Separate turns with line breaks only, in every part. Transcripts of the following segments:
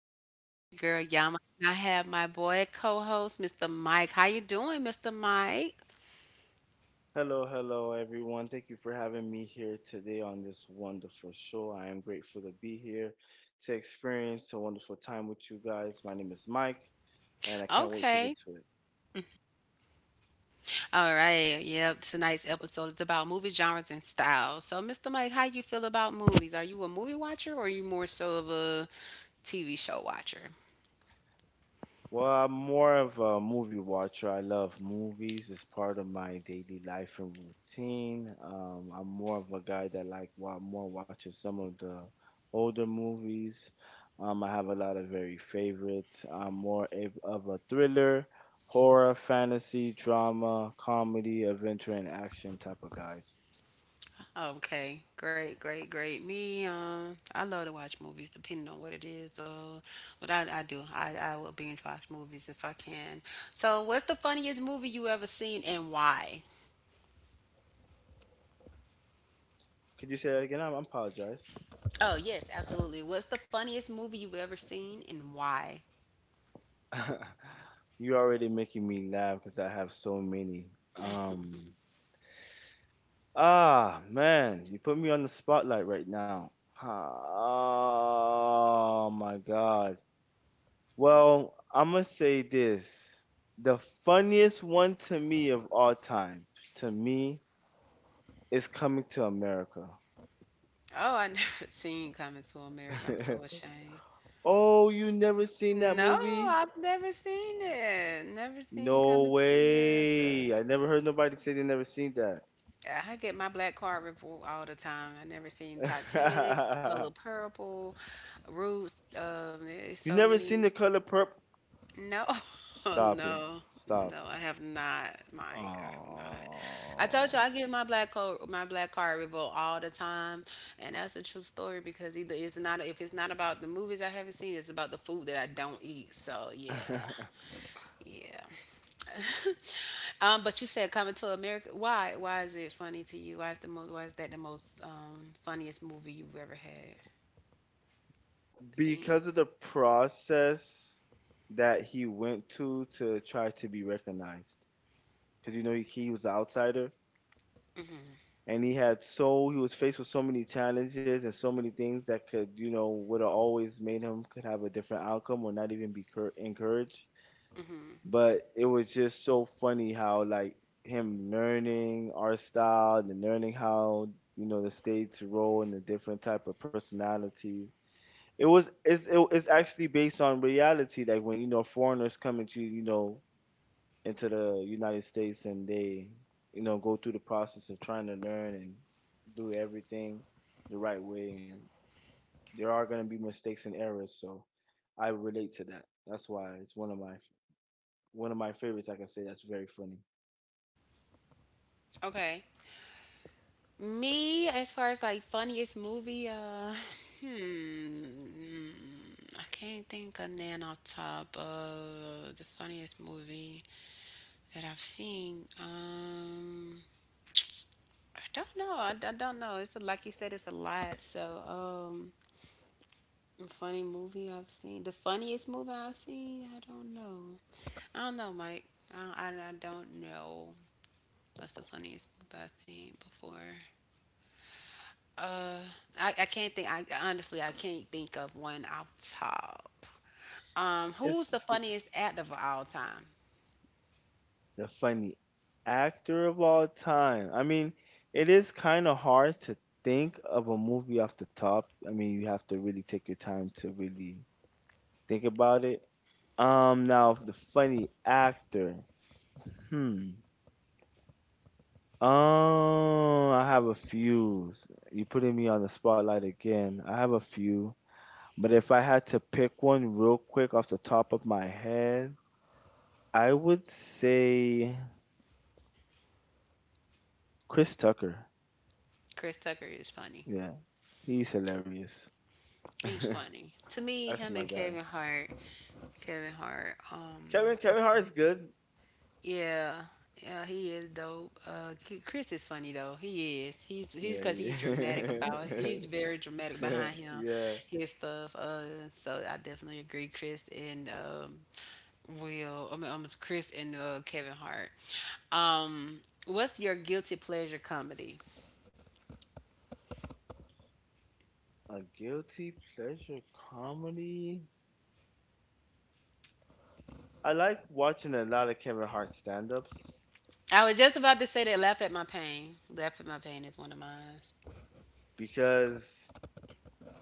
Yama. This is your girl Yama, and I have my boy co-host, Mr. Mike. How you doing, Mr. Mike?
Hello, hello, everyone. Thank you for having me here today on this wonderful show. I am grateful to be here to experience a wonderful time with you guys. My
Okay.
name is Mike, and I can't wait to get to it.
All right. Yep. Tonight's episode is about movie genres and styles. So, Mr. Mike, how you feel about movies? Are you a movie watcher or are you more so of a TV show watcher?
Well, I'm more of a movie watcher. I love movies. It's part of my daily life and routine. I'm more of a guy that like wa more watching some of the older movies. I have a lot of very favorites. I'm more of a thriller, horror, fantasy, drama, comedy, adventure, and action type of guys.
Okay, great, great, great. Me, I love to watch movies depending on what it is, but I do. I will binge watch movies if I can. So, what's the funniest movie you ever seen and why?
Could you say that again? I apologize.
Oh, yes, absolutely. What's the funniest movie you've ever seen and why?
You're already making me laugh because I have so many. Um. Man, you put me on the spotlight right now. Ah, Oh my God. Well, I'm gonna say this. The funniest one to me of all time, to me, is Coming to America.
Oh, I never seen Coming to America. I'm so ashamed.
Oh, you never seen that
No,
movie?
I've never seen it. Never seen
No
Coming to America.
way. I never heard nobody say they never seen that.
I get my black card review all the time. I never seen Titanic, Color Purple, Roots. There's
You
so
never seen
many.
The Color Purple?
No,
Stop it.
no,
Stop.
no. I have not, Mike. I'm not. I told
Oh.
you I get my black card review all the time, and that's a true story because either it's not if it's not about the movies I haven't seen, it's about the food that I don't eat. So yeah, yeah. But you said Coming to America. Why? Why is it funny to you? Why is the most? Why is that the most funniest movie you've ever had seen?
Because of the process that he went to try to be recognized. Because you know he was an outsider, and he had so he was faced with so many challenges and so many things that could, you know, would have always made him, could have a different outcome, or not even be encouraged. But it was just so funny how, like, him learning our style and learning how, you know, the state's roll and the different type of personalities. It was it's it, it's actually based on reality. Like, when, you know, foreigners come into, you know, into the United States, and they, you know, go through the process of trying to learn and do everything the right way, and there are going to be mistakes and errors. So I relate to that. That's why it's one of my favorites. Like, I can say that's very funny.
Okay. Me, as far as like funniest movie, hmm, I can't think of none off top of the funniest movie that I've seen. I don't know. I don't know. Like you said, it's a lot. So, a funny movie I've seen. The funniest movie I've seen. I don't know. I don't know, Mike. I I don't know. What's the funniest movie I've seen before? Uh, I can't think. I honestly, I can't think of one off top. Who's the
It's
funniest actor of all time?
The funny actor of all time. I mean, it is kind of hard to think of a movie off the top. I mean, you have to really take your time to really think about it. Now, the funny actor. Hmm. I have a few. You putting me on the spotlight again. I have a few, but if I had to pick one real quick off the top of my head, I would say Chris Tucker.
Chris Tucker is funny.
Yeah, he's hilarious.
He's funny to me.
That's
Him
my
and
guy.
Kevin Hart. Kevin Hart. Um,
Kevin
is funny.
Hart's good.
Yeah, yeah, he is dope. Chris is funny though. He is. He's
Yeah,
because
yeah.
he's dramatic about it. He's very dramatic behind him,
Yeah.
his stuff. So I definitely agree, Chris and Will. I mean, it's Chris and Kevin Hart. Um, what's your guilty pleasure comedy?
A guilty pleasure comedy. I like watching a lot of Kevin Hart stand-ups
I was just about to say that. Laugh at my pain. Laugh at my pain is one of mine.
because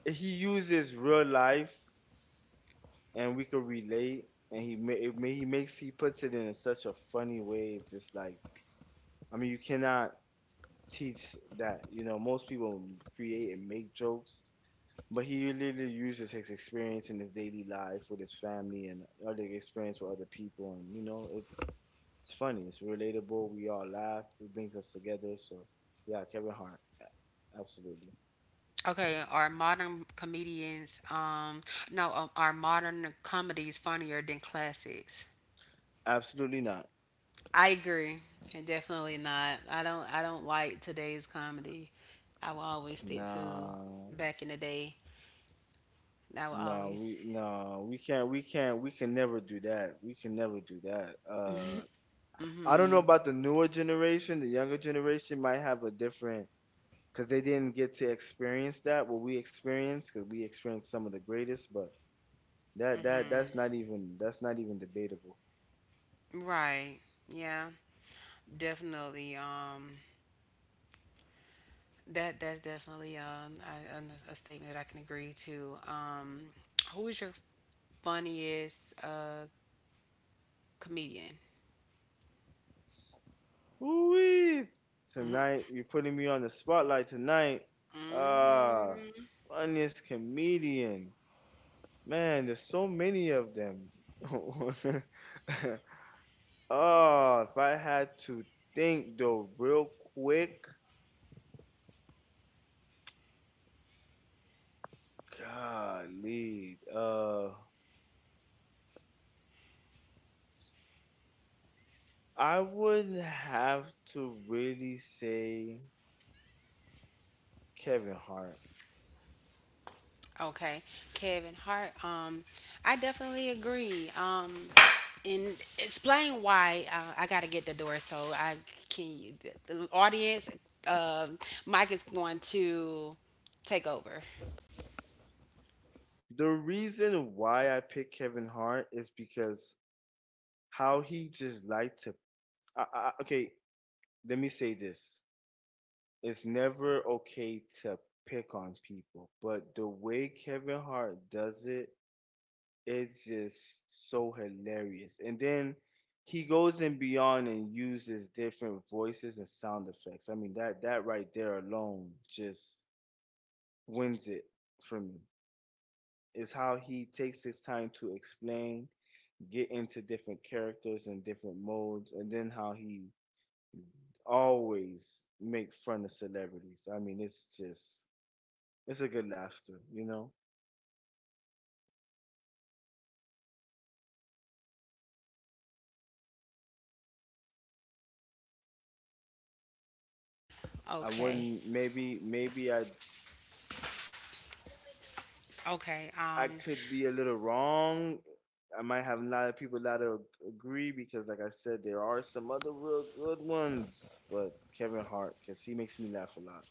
he uses real life, and we can relate, and he ma- it ma- he makes he puts it in such a funny way. It's just like, I mean, you cannot teach that. You know, most people create and make jokes. But he literally uses his experience in his daily life with his family and other experience with other people, and you know, it's funny, it's relatable. We all laugh. It brings us together. So, yeah, Kevin Hart,
Okay, are modern comedians, no, are modern comedies funnier than classics?
absolutely not.
I agree, and definitely not. I don't. I don't like today's comedy. I will always stick to
No,
back in the day. I will
no,
always.
we no, we can never do that. We can never do that. I don't know about the newer generation. The younger generation might have a different, because they didn't get to experience that what we experienced, because we experienced some of the greatest, but that's not even debatable.
Right. Yeah. Definitely. That's definitely a statement that I can agree to. Who is your funniest comedian?
Ooh, tonight you're putting me on the spotlight tonight. ah uh, Funniest comedian, man, there's so many of them. Oh, if I had to think though, real quick, golly, I would have to really say Kevin Hart.
Okay, Kevin Hart. I definitely agree. And explain why I got to get the door so I can. The audience, uh, Mike is going to take over.
The reason why I picked Kevin Hart is because how he just liked to. Okay, let me say this. It's never okay to pick on people, but the way Kevin Hart does it, it's just so hilarious. And then he goes and beyond and uses different voices and sound effects. I mean, that right there alone just wins it for me. Is how he takes his time to explain, get into different characters and different modes, and then how he always make fun of celebrities. I mean, it's just it's a good laughter. I
Okay.
wouldn't Maybe I
Okay.
I
Um,
could be a little wrong. I might have a lot of people that agree because, like I said, there are some other real good ones. But Kevin Hart, because he makes me laugh a lot.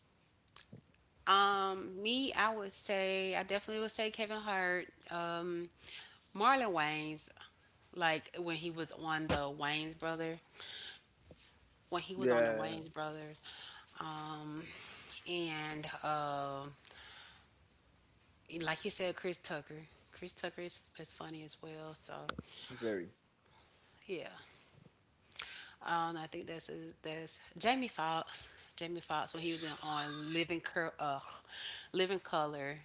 um, me, I definitely would say Kevin Hart, Marlon Wayans, like when he was on the Wayans brother. When he was on the
Yeah,
Wayne's Brothers. Um, and like you said, Chris Tucker. Chris Tucker is funny as well. So
very.
yeah, I think that's Jamie Foxx. Jamie Foxx when he was in on Living Living Color.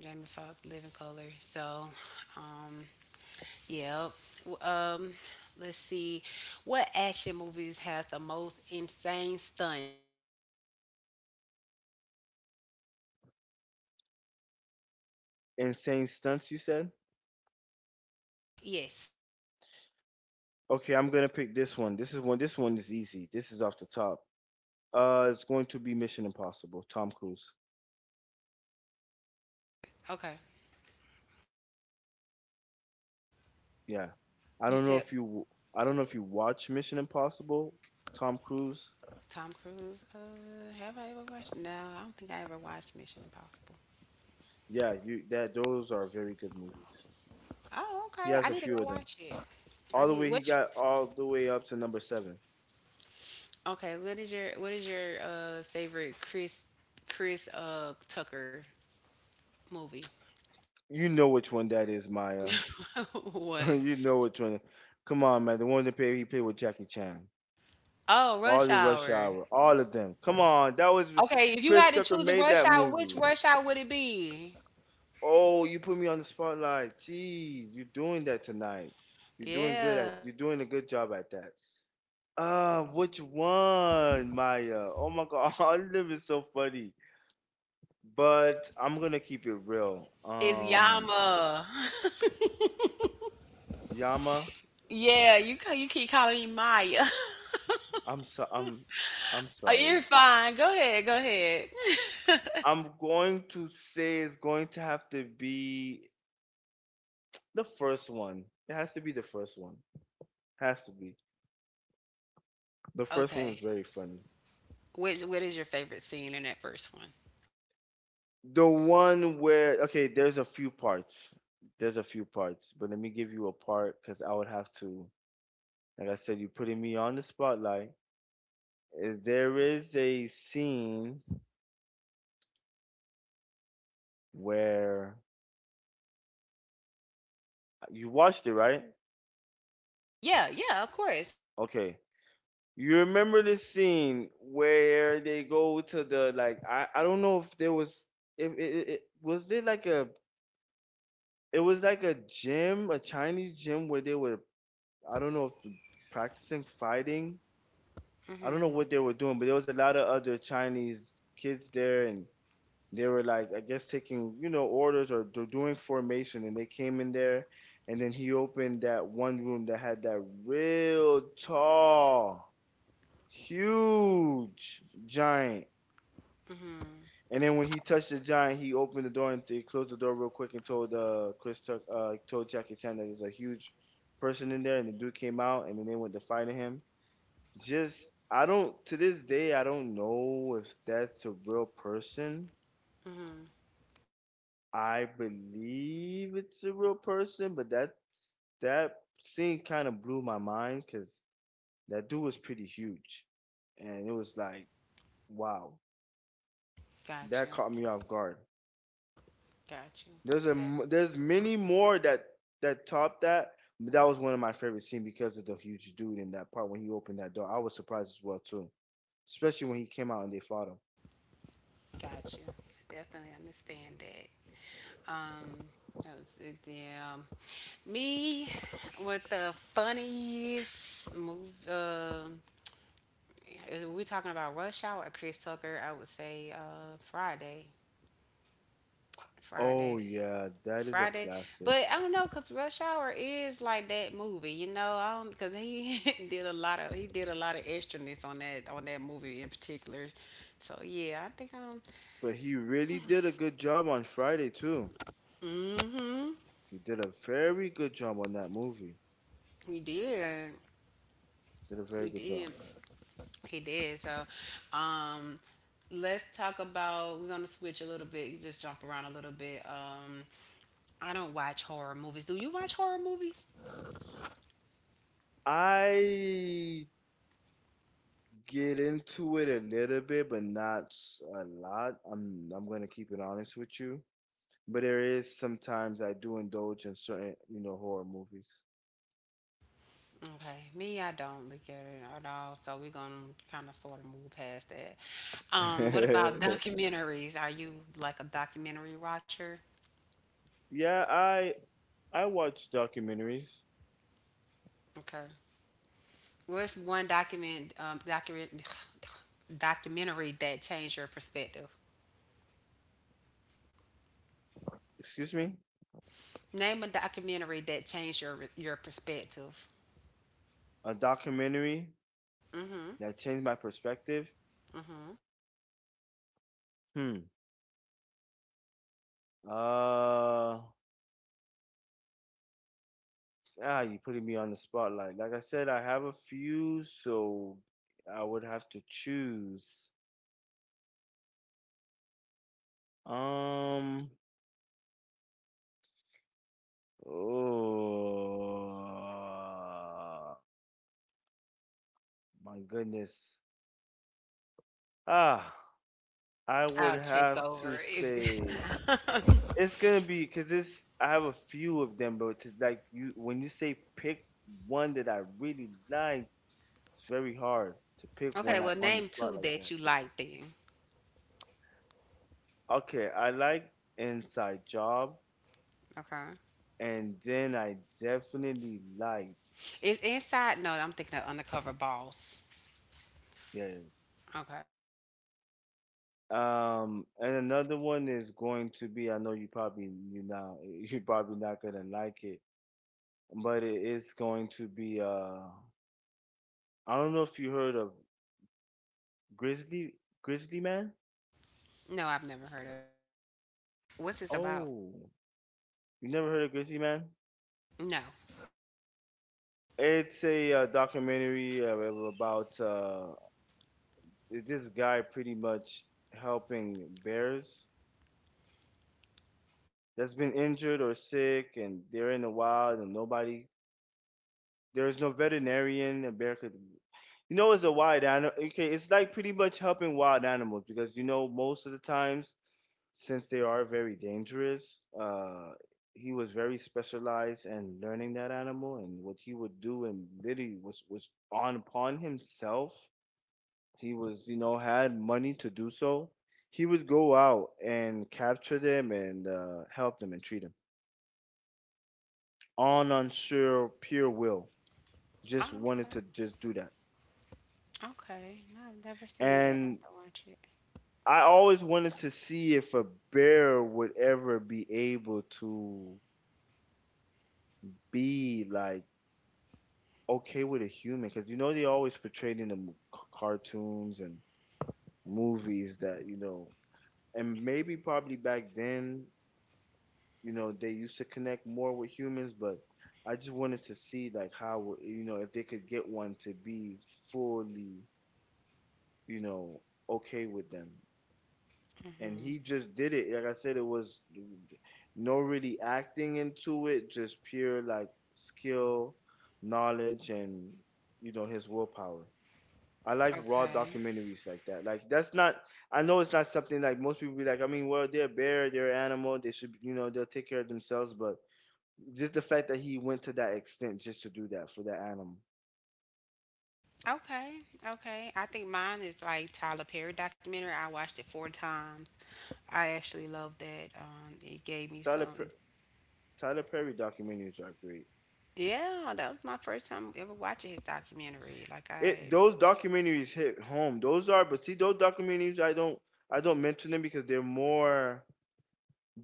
Jamie Foxx Living Color. So, um, yeah. W- Um, let's see, what action movies has the most insane stunts?
Insane stunts, you said?
Yes.
Okay, I'm gonna pick this one. This is one. This one is easy. This is off the top. It's going to be Mission Impossible. Tom Cruise.
Okay.
Yeah, I
You
don't know
said
if you. I don't know if you watch Mission Impossible. Tom Cruise.
Tom Cruise. Have I ever watched? No, I don't think I ever watched Mission Impossible.
Yeah, you that those are very good movies.
Oh,
He
okay.
has
I
a
need to
few
go
of them.
watch it.
All
I
the way
need.
He
What's
got all the way up to No. 7.
your, okay? What is your favorite Chris Tucker movie?
You know which one that is, Maya.
What?
You know which one. Come on, man. The one that played he played with Jackie Chan.
Oh,
All
Rush
the Rush
Hour.
Hour, all of them. Come on, that was
Okay, if you
Chris
had to
Tucker
choose a
made
Rush
that
Hour, which
movie.
Rush Hour would it be?
Oh, you put me on the spotlight. Jeez, you're doing that tonight.
Yeah,
You're doing a good job at that. Which one, Maya? Oh my God, all of them is so funny. But I'm gonna keep it real.
it's Yama.
Yama,
Yeah, you keep calling me Maya.
I'm so I'm I'm
Oh, you're
sorry.
fine. Go ahead. Go ahead.
I'm going to say it's going to have to be the first one. It has to be the first one. Has to be. The first one was
Okay.
very funny.
What is your favorite scene in that first one?
The one where Okay, there's a few parts. There's a few parts, but let me give you a part because I would have to. Like I said, you're putting me on the spotlight. There is a scene where, you watched it, right?
Yeah, yeah, of course.
Okay. You remember the scene where they go to the, like, I don't know if there was, if it was there, like a it was like a gym, a Chinese gym where they were, I don't know if practicing fighting. I don't know
Mhm.
what they were doing, but there was a lot of other Chinese kids there, and they were like, I guess taking, you know, orders, or they're doing formation, and they came in there, and then he opened that one room that had that real tall, huge giant. And then when he touched the giant, he opened the door and he closed the door real quick and told Jackie Chan that there's a huge person in there. And the dude came out, and then they went to fight him. Just I don't To this day I don't know if that's a real person.
Mhm.
I believe it's a real person, but that scene kind of blew my mind because that dude was pretty huge, and it was like, wow,
Got
that
you.
caught me off guard.
Got you.
There's many more that topped that, but that was one of my favorite scenes because of the huge dude in that part when he opened that door. I was surprised as well too, especially when he came out and they fought him.
Got you. Definitely understand that. Um, that was it. Yeah. Me with the funniest move. We talking about Rush Hour or Chris Tucker? I would say Friday.
Oh
Friday.
yeah, that is a
Friday,
classic.
but I don't know because Rush Hour is like that movie. I don't because he did a lot of he did a lot of extraness on that movie in particular. So yeah, I think
But he really did a good job on Friday too. He did a very good job on that movie.
he did
Did a very
he
good job.
did he did. So, um let's talk about we're gonna switch a little bit. Just jump around a little bit. I don't watch horror movies. Do you watch horror movies?
I get into it a little bit, but not a lot. I'm gonna keep it honest with you. But there is sometimes I do indulge in certain, horror movies.
Okay, me, I don't look at it at all. So we're gonna kind of sort of move past that. What about documentaries? Are you like a documentary watcher?
Yeah, I watch documentaries.
Okay. What's one document document documentary that changed your perspective?
Excuse me?
Name a documentary that changed your perspective.
A documentary
Mm-hmm,
that changed my perspective.
mm-hmm.
Hmm. Uh, you putting me on the spotlight. Like I said, I have a few, so I would have to choose. Um, oh my goodness. Ah, I would
I'll take
have
over
to say
if.
it's gonna be, because it's I have a few of them, but to, like you, when you say pick one that I really like, it's very hard to pick
Okay,
one like
well,
on the
name
spot
two
like.
that you like then.
Okay, I like Inside Job,
Okay.
and then I definitely like
Is Inside? No, I'm thinking of Undercover Boss.
Bears.
Okay.
And another one is going to be. I know you probably, you now, you probably not gonna like it, but it is going to be. I don't know if you heard of Grizzly Grizzly Man.
No, I've never heard of it. What's this about?
Oh, you never heard of Grizzly Man?
No.
It's a documentary about this guy pretty much helping bears that's been injured or sick and they're in the wild and nobody, there's no veterinarian in America. You know, it's a wild animal. Okay, it's like pretty much helping wild animals because you know most of the times since they are very dangerous, he was very specialized in learning that animal and what he would do and literally was on upon himself. He was you know had money to do so. He would go out and capture them and help them and treat them. On unsure pure will. Just
Oh,
wanted
okay.
to just do that.
Okay. No, I've never seen that. I
And
have to watch it.
I always wanted to see if a bear would ever be able to be like okay with a human because you know they always portrayed in the cartoons and movies that you know, and maybe probably back then you know they used to connect more with humans, but I just wanted to see like how you know if they could get one to be fully you know okay with them, and
hmm
he just did it. Like I said, it was no really acting into it, just pure like skill, knowledge, and you know his willpower. I like raw
Okay.
documentaries like that. Like that's not. I know it's not something like most people be like. I mean, well, they're a bear, they're an animal. They should, you know, they'll take care of themselves. But just the fact that he went to that extent just to do that for that animal.
Okay. Okay. I think mine is like Tyler Perry documentary. I watched it four times. I actually loved that. It gave me
Tyler
some. It,
per- Tyler Perry documentaries are great.
yeah, that was my first time ever watching his documentary. Like
It
I
those documentaries hit home. Those are, but see, those documentaries I don't mention them because they're more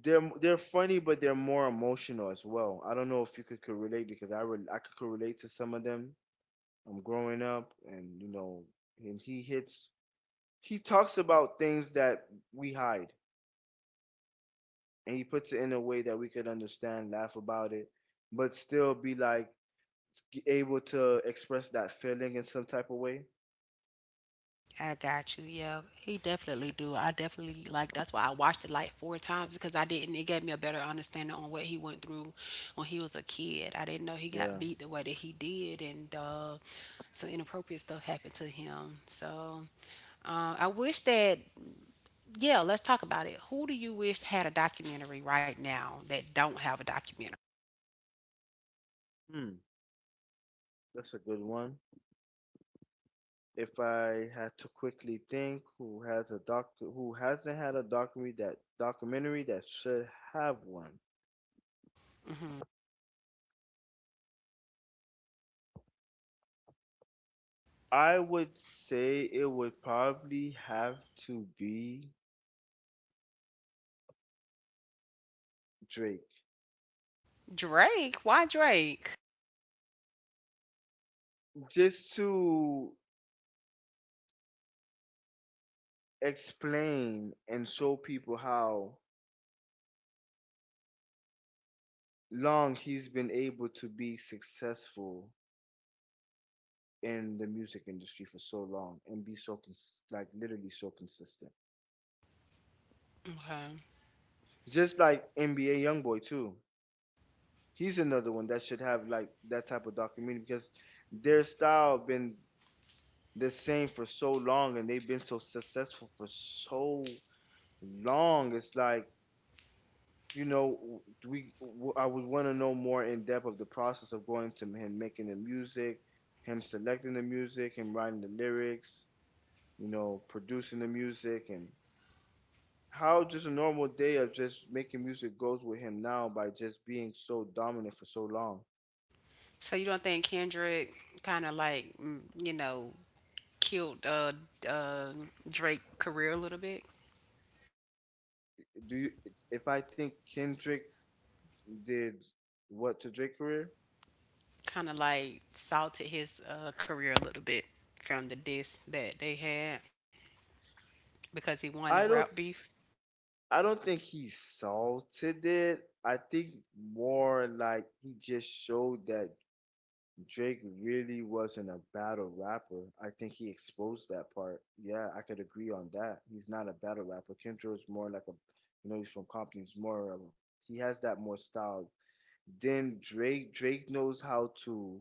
they're funny, but they're more emotional as well. I don't know if you could relate because I could relate to some of them. I'm growing up, and you know, and he talks about things that we hide, and he puts it in a way that we could understand, laugh about it, but still be like able to express that feeling in some type of way.
I got you. Yeah, he definitely do. I definitely like that's why I watched it like four times because I didn't. It gave me a better understanding on what he went through when he was a kid. I didn't know he got
Yeah.
beat the way that he did, and some inappropriate stuff happened to him. So, I wish that, yeah, let's talk about it. Who do you wish had a documentary right now that don't have a documentary?
Hmm. That's a good one. If I had to quickly think, who hasn't had a documentary that should have one?
Mm-hmm.
I would say it would probably have to be Drake,
Drake. Why Drake?
just to explain and show people how long he's been able to be successful in the music industry for so long and be so like literally so consistent.
Okay.
Just like NBA YoungBoy too. He's another one that should have like that type of documentary because their style been the same for so long and they've been so successful for so long. It's like you know we I would want to know more in depth of the process of going to him making the music, him selecting the music, him writing the lyrics, you know, producing the music and how just a normal day of just making music goes with him now by just being so dominant for so long.
So you don't think Kendrick kind of like, killed, uh, Drake career a little bit,
Do you If I think Kendrick did what to Drake's career?
kind of like salted his career a little bit from the diss that they had because he won the rap
I don't
beef.
I don't think he salted it. I think more like he just showed that Drake really wasn't a battle rapper. I think he exposed that part. Yeah, I could agree on that. He's not a battle rapper. Kendrick's more like a you know, he's from Compton, he's more of a, he has that more style. Then Drake knows how to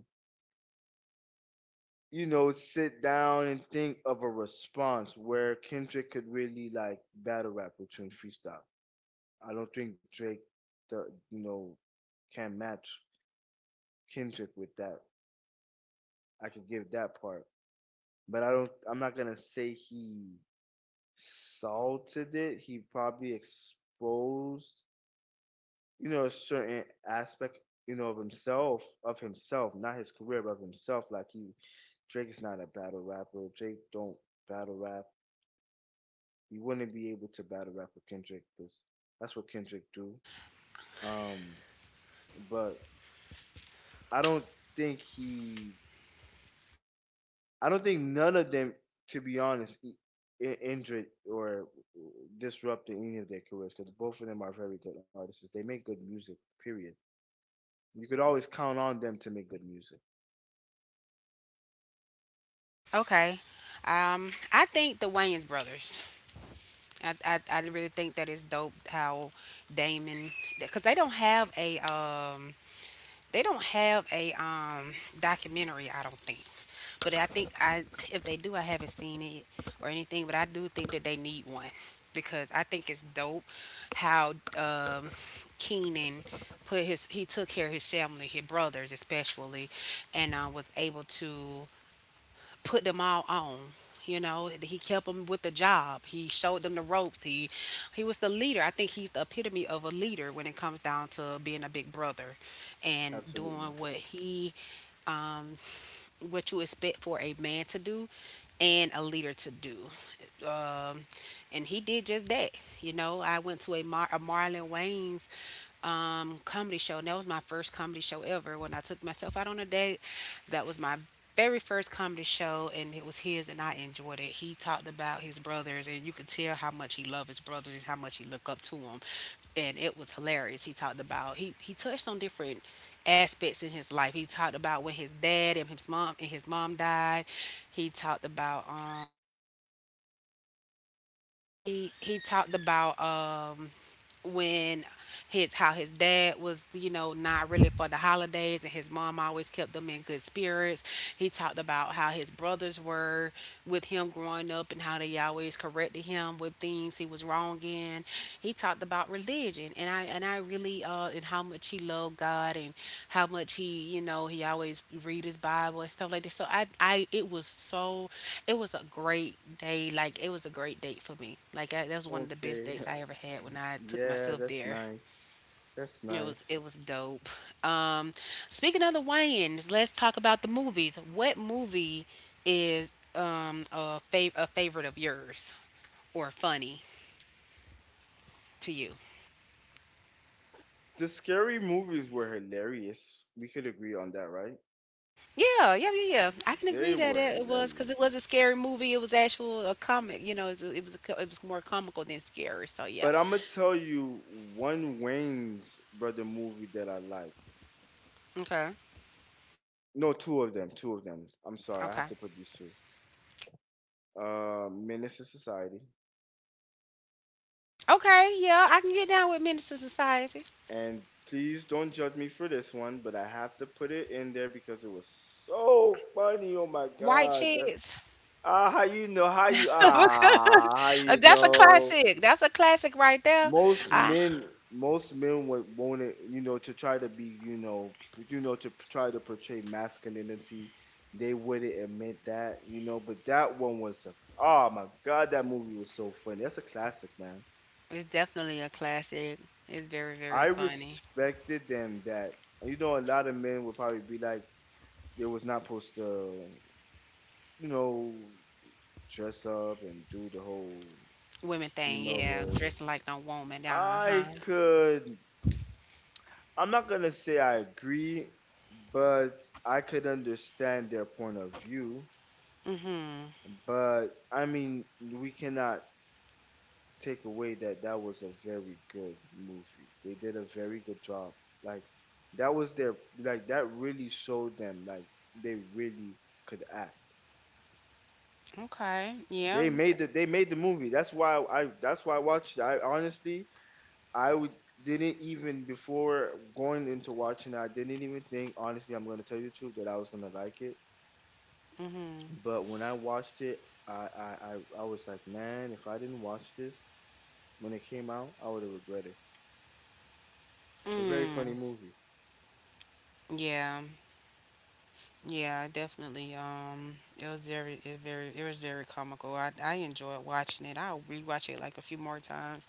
you know, sit down and think of a response where Kendrick could really like battle rap with Trent Freestyle. I don't think Drake, the you know, can match Kendrick with that. I could give that part, but I don't. I'm not gonna say he salted it. He probably exposed, you know, a certain aspect, you know, of himself, not his career, but of himself. Drake is not a battle rapper. Drake don't battle rap. You
Okay,
wouldn't be able
okay,
to battle rap with Kendrick because that's what Kendrick do. Um, but I don't think he, I don't think none of them, to be honest, injured or disrupted any of their careers because both of them are very good artists. They make good music. Period. You could always count on them to make good music.
okay. I think the Wayans brothers. I really think that it's dope how Damon because they don't have a documentary, I don't think. But I think I if they do, I haven't seen it or anything, but I do think that they need one because I think it's dope how Keenan put his he took care of his family, his brothers especially, and was able to put them all on. He kept them with the job. He showed them the ropes. He was the leader. I think he's the epitome of a leader when it comes down to being a big brother and
Absolutely.
doing um what you expect for a man to do and a leader to do. Um and he did just that. I went to a Marlon Wayne's comedy show, and that was my first comedy show ever. When I took myself out on a date, that was my very first comedy show, and it was his, and I enjoyed it. He talked about his brothers, and you could tell how much he loved his brothers and how much he looked up to them, and it was hilarious. He talked about he touched on different aspects in his life. He talked about when his dad and his mom died. He talked about he talked about when his how his dad was not really for the holidays, and his mom always kept them in good spirits. He talked about how his brothers were with him growing up and how they always corrected him with things he was wrong in. He talked about religion, and I really, and how much he loved God, and how much he you know he always read his Bible and stuff like that. So I it was so it was a great day. Like it was a great date for me. Like that was one of the best
Okay.
dates I ever had when I took
yeah,
myself
that's
there.
nice. That's
It was
nice.
it was dope. Um, speaking of the Wayans, let's talk about the movies. What movie is a favorite of yours or funny to you?
The scary movies were hilarious. We could agree on that, right?
Yeah, yeah, yeah, yeah. I can
They
agree that
were
it was because it was
hilarious.
a scary movie. It was actual a comic. It was more comical than scary. So yeah.
But I'm gonna tell you one Wayne's brother movie that I like.
Okay,
No, two of them. Two of them. I'm sorry. I have
okay,
to put these two. Menace to Society.
okay. Yeah, I can get down with Minister Society.
And please don't judge me for this one, but I have to put it in there because it was so funny. Oh my
White
God. That's
Chicks.
ah, how you know? How you
That's
ah? How
a
you know?
classic. That's a classic right there.
Most
I,
men most men would want it you know to try to be you know you know to try to portray masculinity, they wouldn't admit that you know, but that one was a oh my god, that movie was so funny, that's a classic man.
it's definitely a classic. It's very, very
I
funny.
respected them that you know a lot of men would probably be like they was not supposed to you know dress up and do the whole
Women thing,
female
yeah.
role.
Dressing like no woman. Uh
i
huh.
could I'm not gonna say I agree, but I could understand their point of view.
Mhm.
But I mean, we cannot take away that that was a very good movie. They did a very good job. Like that was their like that really showed them like they really could act.
Okay. Yeah.
They made the movie. That's why I watched it. I honestly I would didn't even before going into watching it, I didn't even think honestly I'm gonna tell you the truth that I was gonna like it.
Mhm.
But when I watched it, I I was like, man, if I didn't watch this when it came out, I would have regretted. It's a very funny
Mm.
movie
Yeah. Yeah, definitely. It was very comical. I enjoyed watching it. I'll rewatch it like a few more times,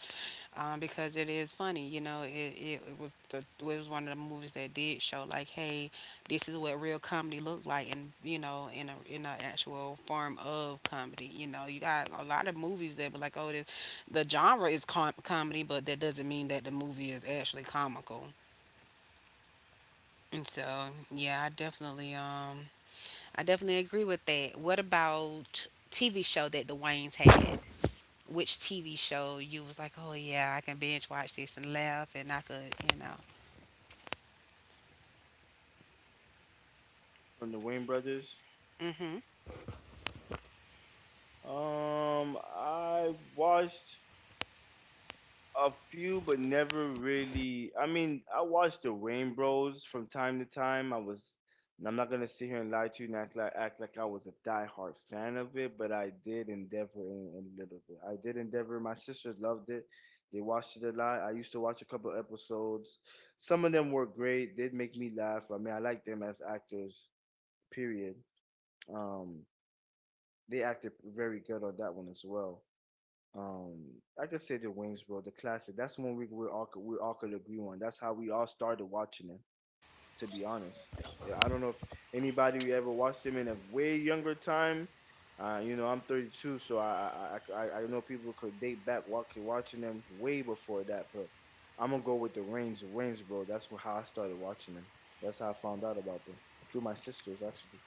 because it is funny. It was one of the movies that did show like, hey, this is what real comedy looked like, and in a in an actual form of comedy. You got a lot of movies that, but like, oh, the genre is comedy, but that doesn't mean that the movie is actually comical. And so, yeah, I definitely agree with that. What about TV show that the Waynes had? Which TV show you was like, oh yeah, I can binge watch this and laugh, and I could.
from the Wayne brothers.
Mhm.
I watched a few, but never really. I mean, I watched the Rain Bros from time to time. And I'm not gonna sit here and lie to you and act like I was a diehard fan of it, but I did endeavor in a little bit. I did endeavor. My sisters loved it. They watched it a lot. I used to watch a couple episodes. Some of them were great. Did make me laugh. I mean, I like them as actors. Period. Um, they acted very good on that one as well. Um, I could say the Wings, bro, the classic. That's one we all could agree on. That's how we all started watching it. To be honest, I don't know if anybody who ever watched him in a way younger time. You know, I'm 32, so I know people could date back watching them way before that. But I'm gonna go with the Wings, bro. That's how I started watching them. That's how I found out about them through my sisters, actually.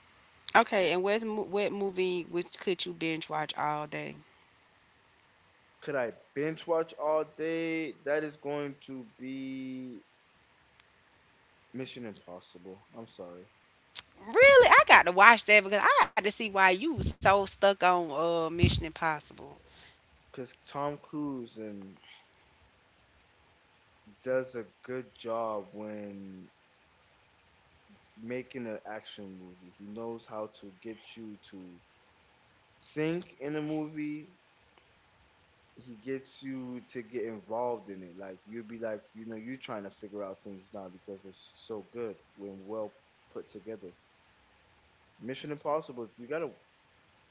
Okay, and what movie which could you binge watch all day?
Could I binge watch all day? That is going to be Mission Impossible. I'm sorry.
Really, I got to watch that because I had to see why you was so stuck on Mission Impossible.
Because Tom Cruise and does a good job when making an action movie. He knows how to get you to think in a movie. He gets you to get involved in it. Like you'll be like, you know, you're trying to figure out things now because it's so good when well put together. Mission Impossible, you gotta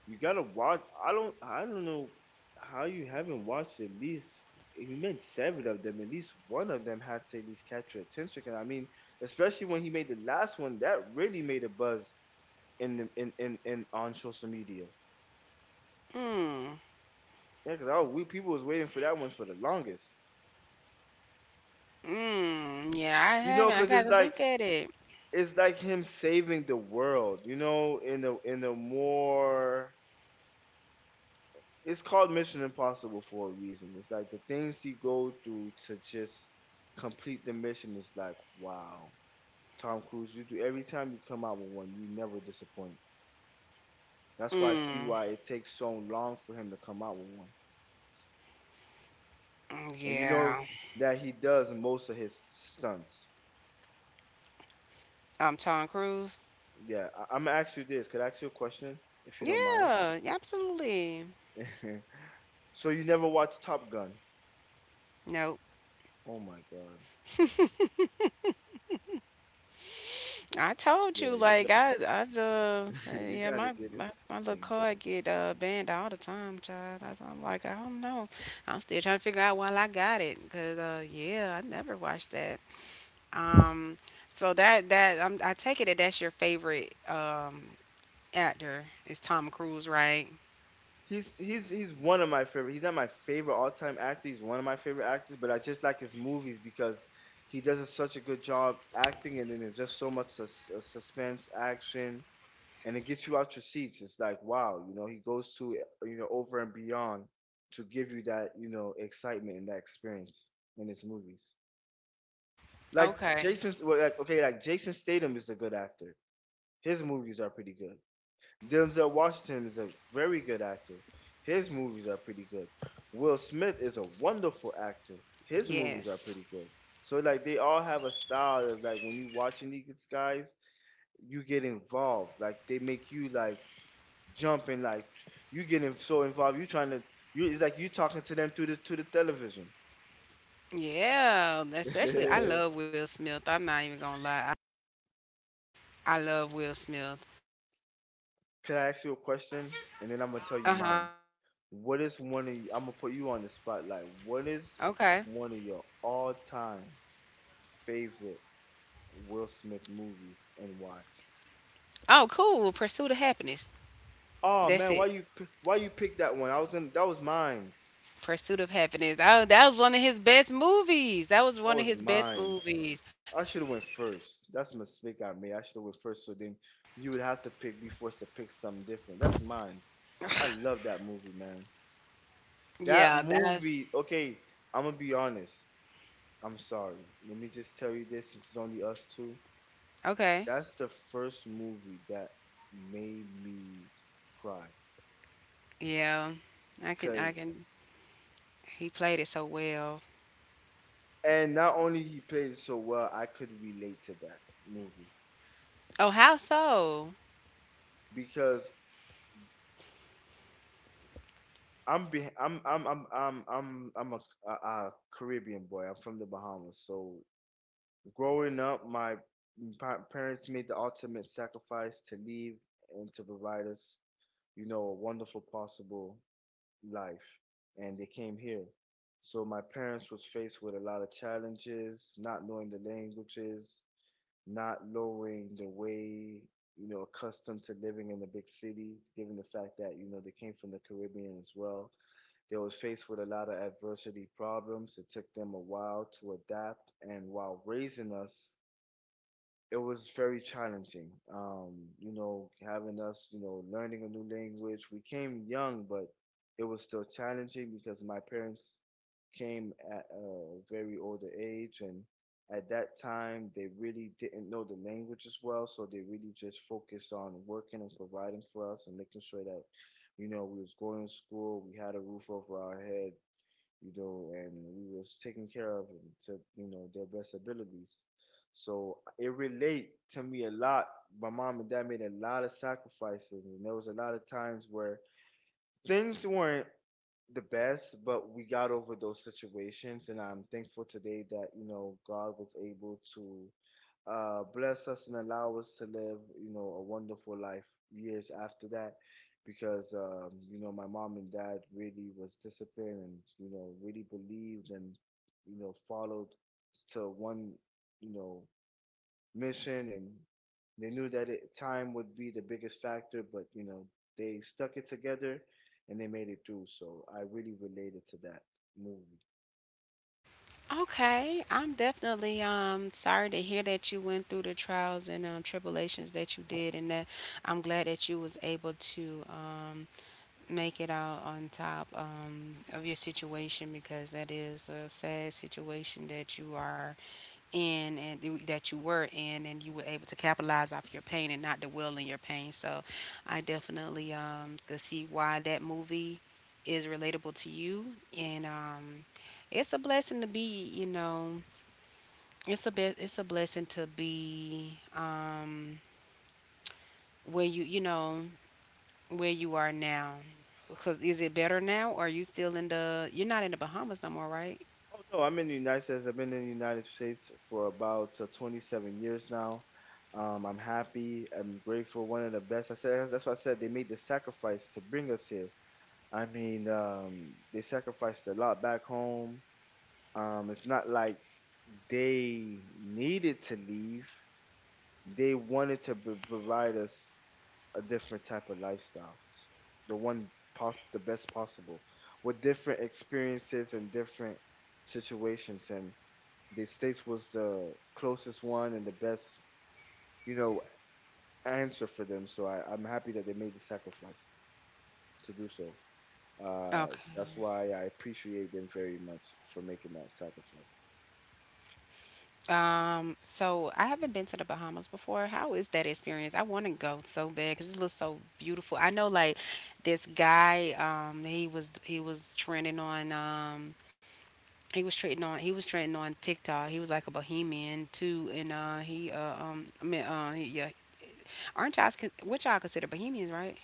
you gotta watch. I don't. I don't know how you haven't watched at least. You made seven of them. At least one of them had to at least catch your attention. 'Cause I mean, especially when he made the last one, that really made a buzz in the in on social media.
Mm.
Yeah, we people was waiting for that one for the longest.
Mm. Yeah, I
You know,
haven't. I
'cause
got to look at it.
it's like him saving the world. You know, in a more it's called Mission Impossible for a reason. It's like the things he go through to just complete the mission is like wow. Tom Cruise, you do every time you come out with one, you never disappoint. That's why I see
Mm.
why it takes so long for him to come out with one. And you know
Yeah.
that he does most of his stunts.
Tom Cruise.
Yeah, I'm gonna ask you this. Could I ask you a question if you don't mind?
Yeah, absolutely.
so you never watched Top Gun?
No,
Oh my god.
I told
Yeah,
you,
you
like I've
got you
yeah,
gotta
my,
get
my
into
my little
things.
card get banned all the time, child. That's I'm like, I don't know. I'm still trying to figure out why I got it, cause yeah, I never watched that. Um, so that I take it that that's your favorite actor is Tom Cruise, right?
He's one of my favorite. He's not my favorite all time actor. He's one of my favorite actors, but I just like his movies because he does such a good job acting, and then there's just so much suspense, action, and it gets you out your seats. It's like wow, you know, he goes to you know over and beyond to give you that you know excitement and that experience in his movies.
Okay.
Like okay, like Jason Statham is a good actor. His movies are pretty good. Denzel Washington is a very good actor. His movies are pretty good. Will Smith is a wonderful actor. His movies are
Yes.
pretty good. So like they all have a style of like when you watching these guys, you get involved. Like they make you like jump and like you getting so involved. You trying to you it's like you talking to them through the to the television.
Yeah. Especially, I
Can
love Will Smith. I'm not even gonna lie. I love Will Smith.
I ask you a question? And then I'm gonna tell you
Uh huh.
mine. What is one of you, I'm gonna put you on the spotlight. What is
Okay.
one of your all time favorite Will Smith movies and why?
Oh, cool. Pursuit of Happiness.
Oh
That's
man,
it.
why you pick that one? I was gonna that was mine's.
Pursuit of Happiness. Oh, that was one of his best movies. That was
That
one of
was
his best
mine's.
movies.
I should have went first. That's a mistake I made. I should have went first. So then you would have to pick. Be forced to pick something different. That's mine's. I love that movie, man. That
Yeah, that's
movie. Okay, I'm gonna be honest. I'm sorry. Let me just tell you this. Since it's only us two.
okay.
That's the first movie that made me cry.
Yeah. I
Cause
can He played it so well.
And not only he played it so well, I could relate to that movie
Oh, how so?
because I'm be- I'm a Caribbean boy. I'm from the Bahamas, so growing up, my parents made the ultimate sacrifice to leave and to provide us, you know, a wonderful possible life, and they came here. So my parents was faced with a lot of challenges, not knowing the languages, not knowing the way, you know, accustomed to living in a big city, given the fact that, you know, they came from the Caribbean as well. They were faced with a lot of adversity problems. It took them a while to adapt. And while raising us, it was very challenging. You know, having us, you know, learning a new language. We came young, but it was still challenging because my parents came at a very older age, and at that time they really didn't know the language as well, so they really just focused on working and providing for us and making sure that, you know, we was going to school, we had a roof over our head, you know, and we was taken care of and to, you know, their best abilities. So it relate to me a lot. My mom and dad made a lot of sacrifices and there was a lot of times where things weren't the best, but we got over those situations and I'm thankful today that, you know, God was able to bless us and allow us to live, you know, a wonderful life years after that. Because, you know, my mom and dad really was disciplined and, you know, really believed and, you know, followed to one, you know, mission. And they knew that it, time would be the biggest factor, but, you know, they stuck it together and they made it through. So I really related to that movie.
Okay. I'm definitely sorry to hear that you went through the trials and tribulations that you did, and that I'm glad that you was able to make it out on top, of your situation, because that is a sad situation that you are in and that you were in, and you were able to capitalize off your pain and not dwell in your pain. So I definitely, could see why that movie is relatable to you, and it's a blessing to be, it's a it's a blessing to be, where you you know where you are now. Because is it better now, or are you still in the? You're not in the Bahamas no more, right?
Oh no, I'm in the United States. I've been in the United States for about 27 years now. I'm happy. I'm grateful. One of the best. I said that's why I said they made the sacrifice to bring us here. I mean, they sacrificed a lot back home. It's not like they needed to leave. They wanted to provide us a different type of lifestyle, the one the best possible, with different experiences and different situations and the States was the closest one and the best, you know, answer for them. So I'm happy that they made the sacrifice to do so. Uh,
Okay.
that's why I appreciate them very much for making that sacrifice.
So I haven't been to the Bahamas before. How is that experience? I want to go so bad because it looks so beautiful. I know, like this guy. He was trending on. He was trending on. He was trending on TikTok. He was like a bohemian too, and he I mean yeah. Aren't y'all what y'all consider bohemians, right?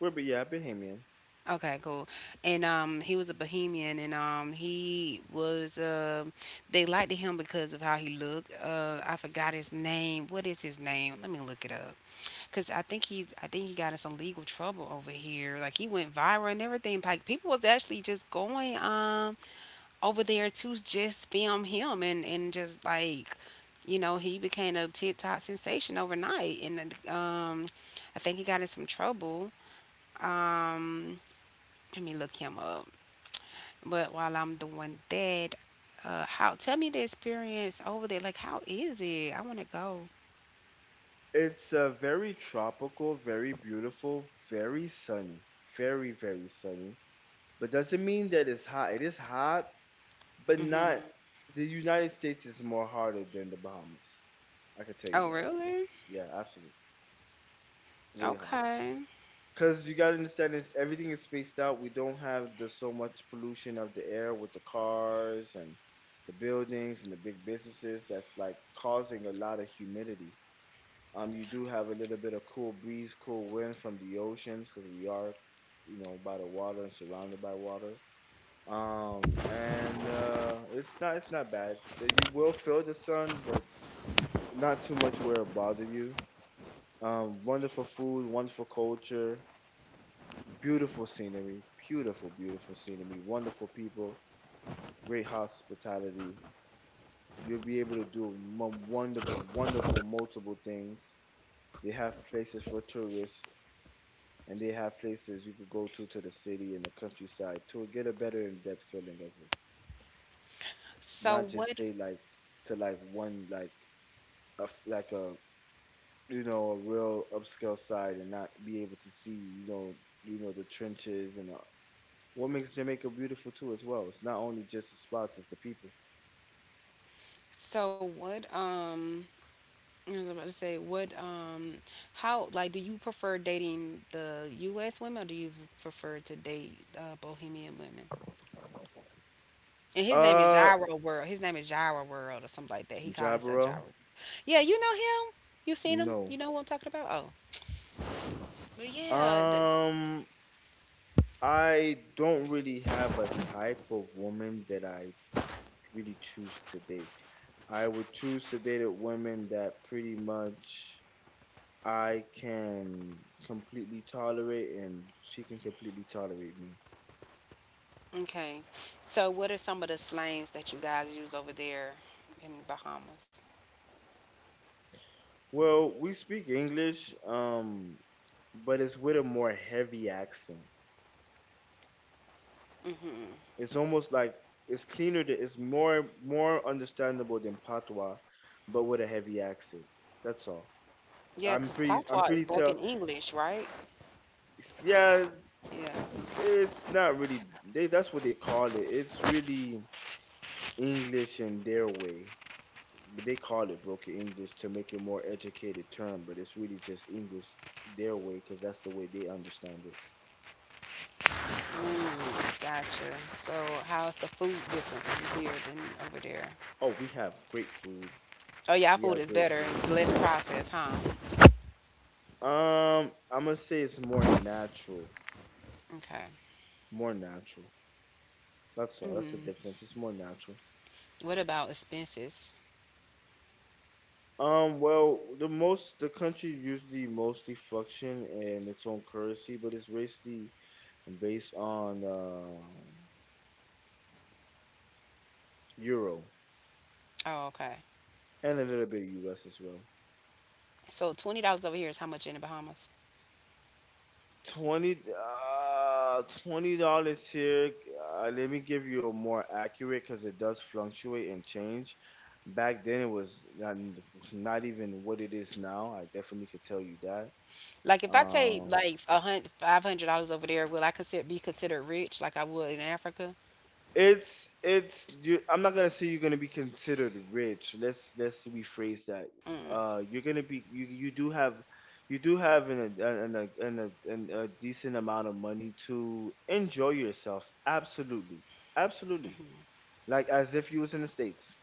Well, but yeah, Bahamian.
Okay, cool. And he was a Bohemian, and he was they liked him because of how he looked. I forgot his name. What is his name? Let me look it up. Cause I think he got in some legal trouble over here. Like he went viral and everything. Like people was actually just going over there to just film him and just like, he became a TikTok sensation overnight. And then, I think he got in some trouble. Um, Let me look him up. But while I'm doing that, how tell me the experience over there. Like, how is it? I want to go.
It's very tropical, very beautiful, very sunny, very very sunny. But doesn't mean that it's hot. It is hot, but
Hmm.
not. The United States is more harder than the Bahamas. I can tell you
Oh,
that.
really?
Yeah, absolutely, way harder.
Okay.
Because you gotta understand this, everything is spaced out. We don't have the so much pollution of the air with the cars and the buildings and the big businesses that's like causing a lot of humidity. You do have a little bit of cool breeze, cool wind from the oceans because we are, you know, by the water and surrounded by water. And It's not bad. You will feel the sun, but not too much where it bother you. Wonderful food, wonderful culture. Beautiful scenery, beautiful, beautiful scenery, wonderful people, great hospitality. You'll be able to do wonderful, wonderful, multiple things. They have places for tourists, and they have places you could go to the city and the countryside to get a better in-depth feeling of it.
So
Not just
what?
stay like to like one like like a you know a real upscale side and not be able to see you know the trenches and the what makes Jamaica beautiful too as well. It's not only just the spots, it's the people.
So what? I was about to say what? How? Like, do you prefer dating the U.S. women, or do you prefer to date Bohemian women? And his name is
Uh
Gyro World. His name is Gyro World or something like that. He called himself Gyro.
Jabaro?
Yeah, you know him. You seen him?
No.
You know who I'm talking about? Oh, but yeah.
Um I don't really have a type of woman that I really choose to date. I would choose to date a woman that pretty much I can completely tolerate and she can completely tolerate me.
Okay. So, what are some of the slangs that you guys use over there in the Bahamas?
Well, we speak English, but it's with a more heavy accent. It's almost like it's cleaner than It's more understandable than patois, but with a heavy accent. That's all.
Yeah, because patois
I'm
is
pretty
broken
tell.
English, right?
Yeah,
Yeah.
it's, it's not really. They that's what they call it. It's really English in their way. But they call it broken English to make it more educated term. But it's really just English their way because that's the way they understand it.
Mm, gotcha. So, how's the food different from here than over there?
Oh, we have great food.
Oh, yeah, our
We
food
have
is
great
better.
food.
It's less processed, huh?
I'm gonna say it's more natural.
Okay.
More natural. That's all. That's the
Mm.
difference. It's more natural.
What about expenses?
Well, the most the country usually mostly function in its own currency, but it's basically based on euro
Oh, okay.
and a little bit of US as well.
So, $20 over here is how much in the Bahamas?
20 $20 here. Let me give you a more accurate because it does fluctuate and change. Back then it was not even what it is now. I definitely could tell you that.
Like, if I take
Um,
like 100, $500 over there, will I consider be considered rich like I would in Africa?
It's you, I'm not gonna say you're gonna be considered rich. Let's rephrase that. You're gonna be you do have an a an a, an a, an a decent amount of money to enjoy yourself. Absolutely, absolutely. Like as if you was in the states.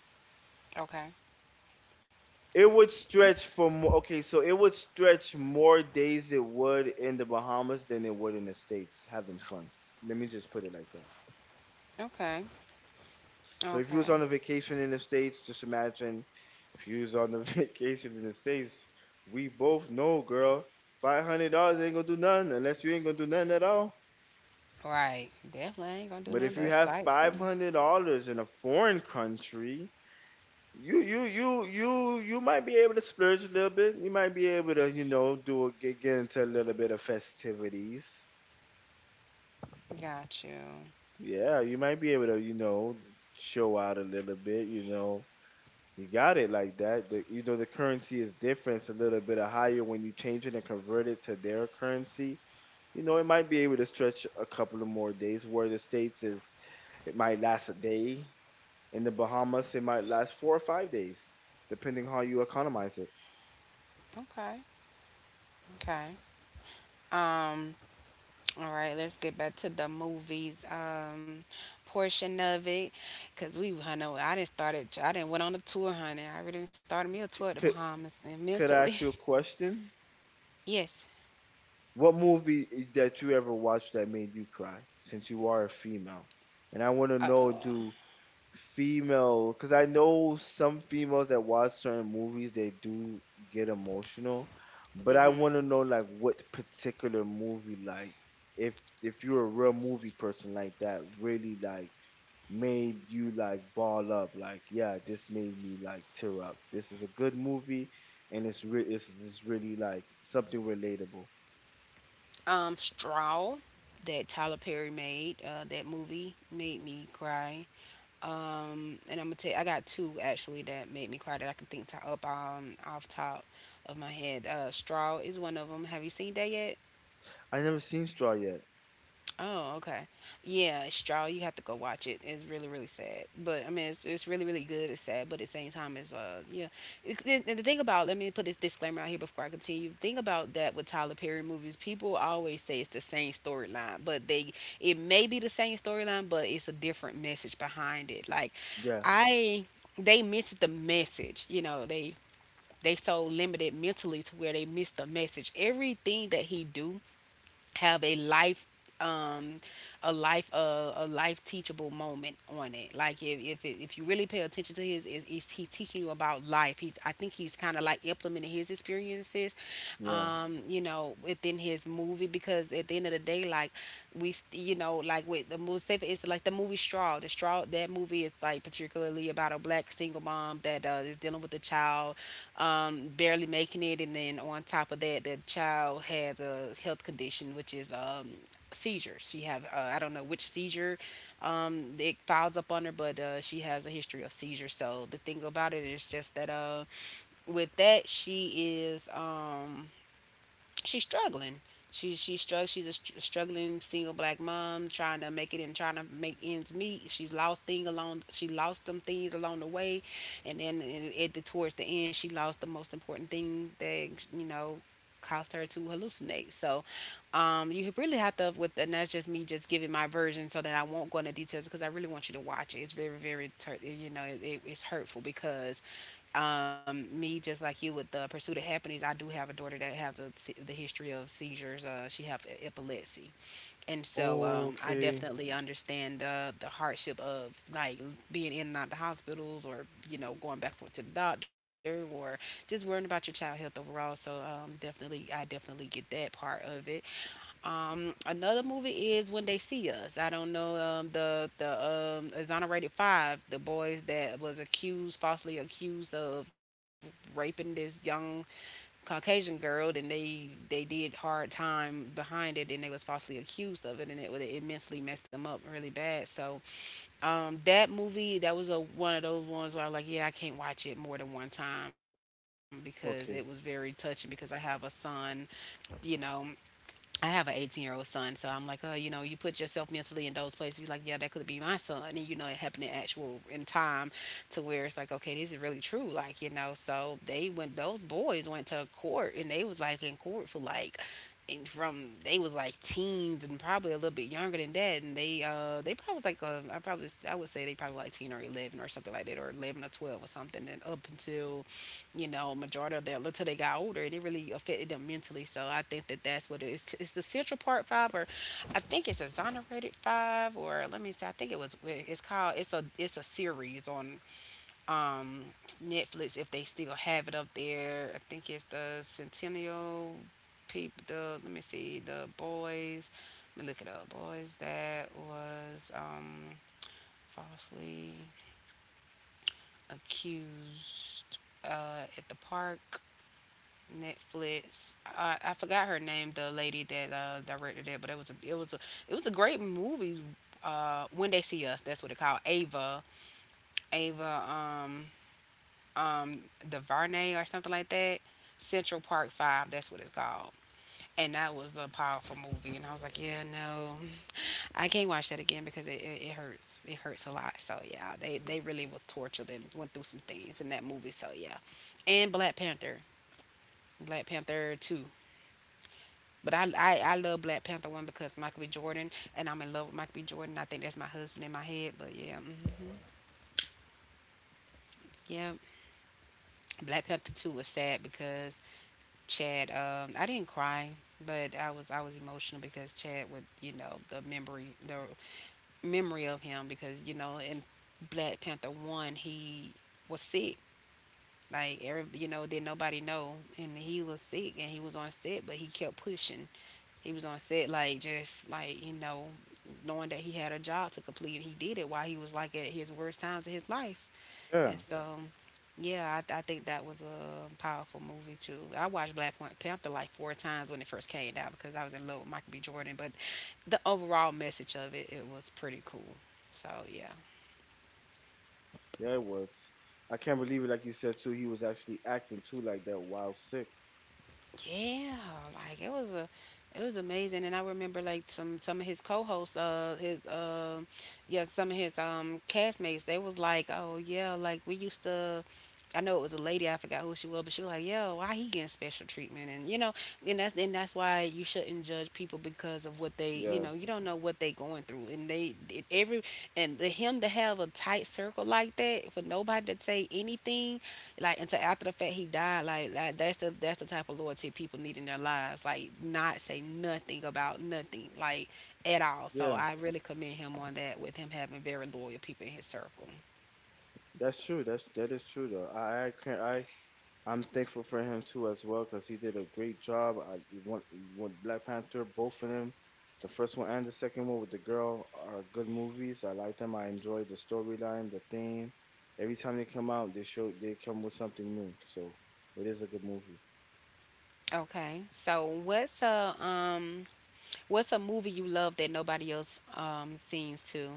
Okay.
It would
Mm.
stretch for more. Okay, so it would stretch more days it would in the Bahamas than it would in the states having fun. Let me just put it like that.
Okay.
So if you
Okay.
was on a vacation in the States, just imagine if you was on the vacation in the States, we both know, girl, $500 ain't gonna do nothing unless you ain't gonna do nothing at all.
Right. Definitely ain't gonna do
But
nothing
if
but
you have five
sightseeing.
hundred dollars in a foreign country, you might be able to splurge a little bit. You might be able to, you know, get into a little bit of festivities.
Got you.
Yeah, you might be able to, you know, show out a little bit, you know. You got it like that. The, you know, the currency is different. It's a little bit higher when you change it and convert it to their currency. You know, it might be able to stretch a couple of more days. Where the States is, it might last a day. In the Bahamas, it might last 4 or 5 days, depending how you economize it.
Okay. Okay. Um, all right, let's get back to the movies portion of it. Cause we I know I didn't went on a tour, honey. I really didn't started me a tour at the
C- Could,
Bahamas and
could
mentally.
I ask you a question?
Yes.
What movie that you ever watched that made you cry, since you are a female? And I want to
Uh,
know
uh,
do female because I know some females that watch certain movies they do get emotional, but I want to know like what particular movie like if if you're a real movie person like that really like made you like ball up like yeah this made me like tear up this is a good movie and it's really like something relatable.
Straw that Tyler Perry made, that movie made me cry. And I'm gonna tell you, I got two actually that made me cry that I can think to, up off top of my head. Straw is one of them. Have you seen that yet?
I never seen straw yet.
Oh, okay. Yeah, it's Straw. You have to go watch it. It's really, really sad. But I mean, it's really, really good. It's sad, but at the same time, it's yeah. It, and the thing about, let me put this disclaimer out here before I continue. Think about that with Tyler Perry movies. People always say it's the same storyline, but they it may be the same storyline, but it's a different message behind it. Like,
Yeah.
I, they miss the message. They so limited mentally to where they miss the message. Everything that he do have um a life teachable moment on it. Like if you really pay attention to he's teaching you about life. He's I think he's kind of like implementing his experiences,
Yeah.
within his movie, because at the end of the day, like like with the movie, say for instance, like the movie Straw. The Straw, that movie, is like particularly about a black single mom that, is dealing with a child, barely making it, and then on top of that, the child has a health condition, which is, seizures. She have, I don't know which seizure, it files up on her, but she has a history of seizures. So the thing about it is just that, with that she is. She's struggling. She's strugg- She's a str- Struggling single black mom trying to make it and trying to make ends meet. She's lost thing along. She lost some things along the way, and then at the towards the end, she lost the most important thing that you know caused her to hallucinate. So, you really have to with, and that's just me just giving my version so that I won't go into details because I really want you to watch it. It's very very it's hurtful because, me just like you with the Pursuit of Happiness, I do have a daughter that has the history of seizures, she have epilepsy. And so, I
Okay.
definitely understand the hardship of like being in and out the hospitals or going back and forth to the doctor, or just worrying about your child health overall. So, definitely I definitely get that part of it. Another movie is When They See Us. I don't know, the Exonerated Five, the boys that was accused, falsely accused of raping this young Caucasian girl, and they did hard time behind it, and they was falsely accused of it, and it would immensely messed them up really bad. So, that movie, that was a one of those ones where I was like, yeah, I can't watch it more than one time because it was very
Okay.
touching because I have a son, you know, I have an 18-year-old son, so I'm like, oh, you put yourself mentally in those places. You're like, yeah, that could be my son. And, it happened in actual, in time to where it's like, okay, this is really true. Like, those boys went to court, and they was like in court for like, and from they was like teens and probably a little bit younger than that, and they probably was like I would say they probably like 10 or 11 or something like that, or 11 or 12 or something, and up until, majority of them, until they got older, and it really affected them mentally. So I think that's what it is. It's the Central Part Five, or I think it's Exonerated Five, or let me see. I think it was. It's called. It's a series on um Netflix if they still have it up there. I think it's the Centennial people. The Let me see. The boys. Let me look it up. Boys that was falsely accused at the park. Netflix. I forgot her name, the lady that directed it, but it was a it was a it was a great movie. When they see us, that's what it called. Ava, um, DuVernay or something like that. Central Park Five. That's what it's called. And that was a powerful movie. And I was like, yeah, no, I can't watch that again because it hurts. It hurts a lot. So yeah, they really was tortured and went through some things in that movie. So yeah. And Black Panther, Black Panther Two. But I love Black Panther one because Michael B. Jordan, and I'm in love with Michael B. Jordan. I think that's my husband in my head. But yeah. Hmm, yeah. Black Panther two was sad because Chad. I didn't cry, but I was emotional because Chad with, the memory, the memory of him, because in Black Panther one he was sick. Like, did nobody know, and he was sick and he was on set, but he kept pushing. He was on set like, just like, knowing that he had a job to complete, and he did it while he was like at his worst times of his life.
Yeah.
And so, yeah, I think that was a powerful movie too. I watched Black Panther like four times when it first came out because I was in love with Michael B. Jordan, but the overall message of it, was pretty cool. So yeah.
Yeah, it was. I can't believe it. Like you said too, he was actually acting too like that while sick.
Yeah, like it was amazing. And I remember like, some of his co-hosts, his yeah, some of his castmates, they was like, "Oh yeah, like we used to I know it was a lady, I forgot who she was, but she was like, "Yo, why he getting special treatment?" And you know, and that's why you shouldn't judge people because of what they,
Yeah,
you don't know what they going through, and they it, every and the him to have a tight circle like that, for nobody to say anything like until after the fact he died, like, that's the, that's the type of loyalty people need in their lives, like not say nothing about nothing, like at all. So
yeah,
I really commend him on that, with him having very loyal people in his circle.
that's true. That is true though. I can't. I'm thankful for him too as well because he did a great job. I want want Black Panther, both of them, the first one and the second one with the girl are good movies. I like them. I enjoyed the storyline, the theme. Every time they come out, they come with something new. So it is a good movie.
Okay, so what's a movie you love that nobody else seems to,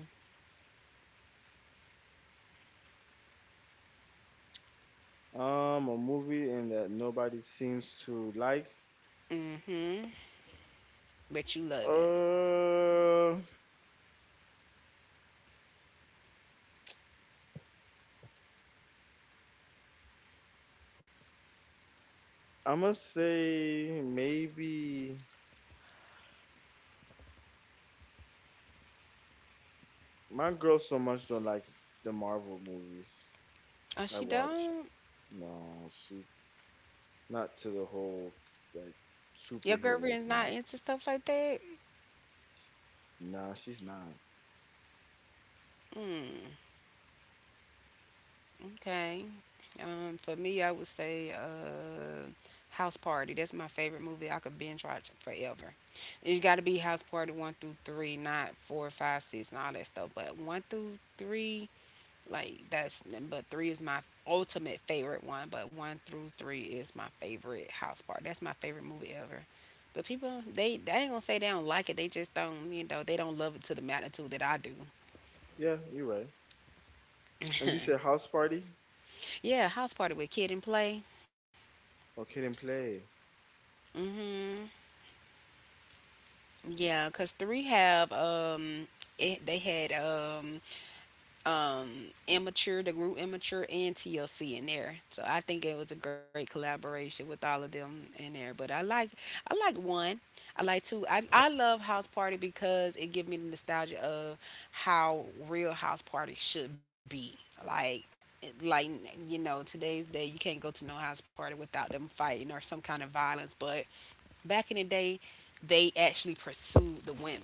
A movie and that nobody seems to like.
mm-hmm, but you love it?
Uh, I'm gonna say maybe my girl so much don't like the Marvel movies
Oh,
I
she
watch.
don't?
No, she not to the whole like
Your
superhero
girlfriend's
thing.
not into stuff like that?
Nah, she's not.
Mm. Okay. For me, I would say, House Party. That's my favorite movie. I could binge watch forever. It's got to be House Party one through three, not four, five, six, and all that stuff. But one through three, like that's. But three is my ultimate favorite one. But one through three is my favorite House Party. That's my favorite movie ever. But people, they ain't gonna say they don't like it. They just don't, they don't love it to the magnitude that I do.
Yeah, you're right. And you said house party?
Yeah, House Party with Kid and Play.
Okay, then play.
hmm Yeah, cause three have, it, they had um immature, the group Immature, and TLC in there, so I think it was a great collaboration with all of them in there. But I like one. I like two. I love House Party because it gives me the nostalgia of how real House Party should be. Like like today's day, you can't go to no house party without them fighting or some kind of violence, but back in the day they actually pursued the women,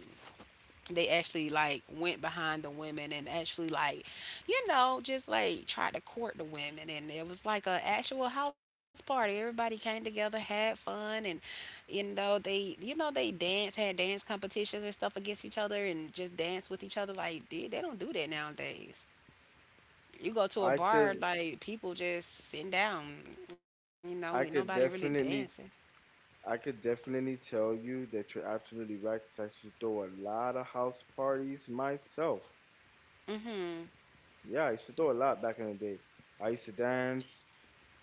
they actually like went behind the women and actually like, just like tried to court the women, and it was like a actual house party. Everybody came together, had fun, and, you know they dance had dance competitions and stuff against each other, and just dance with each other. Like they don't do that nowadays. You go to a
I
bar,
could,
like people just sitting down, and
I
nobody really
could
dancing.
definitely, I could definitely tell you that you're absolutely right because I used to throw a lot of house parties myself.
Hmm
Yeah, I used to throw a lot back in the day. I used to dance.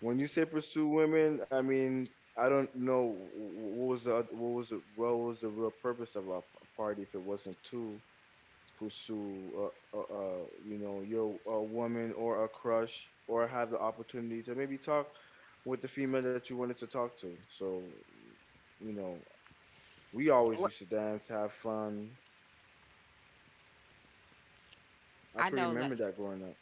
When you say pursue women, I mean I don't know what was what was what was the real purpose of a party if it wasn't to pursue you know your a woman or a crush or have the opportunity to maybe talk with the female that you wanted to talk to. So you know we always
what
used to dance, have fun. I
I
can
know
remember
like
that growing up.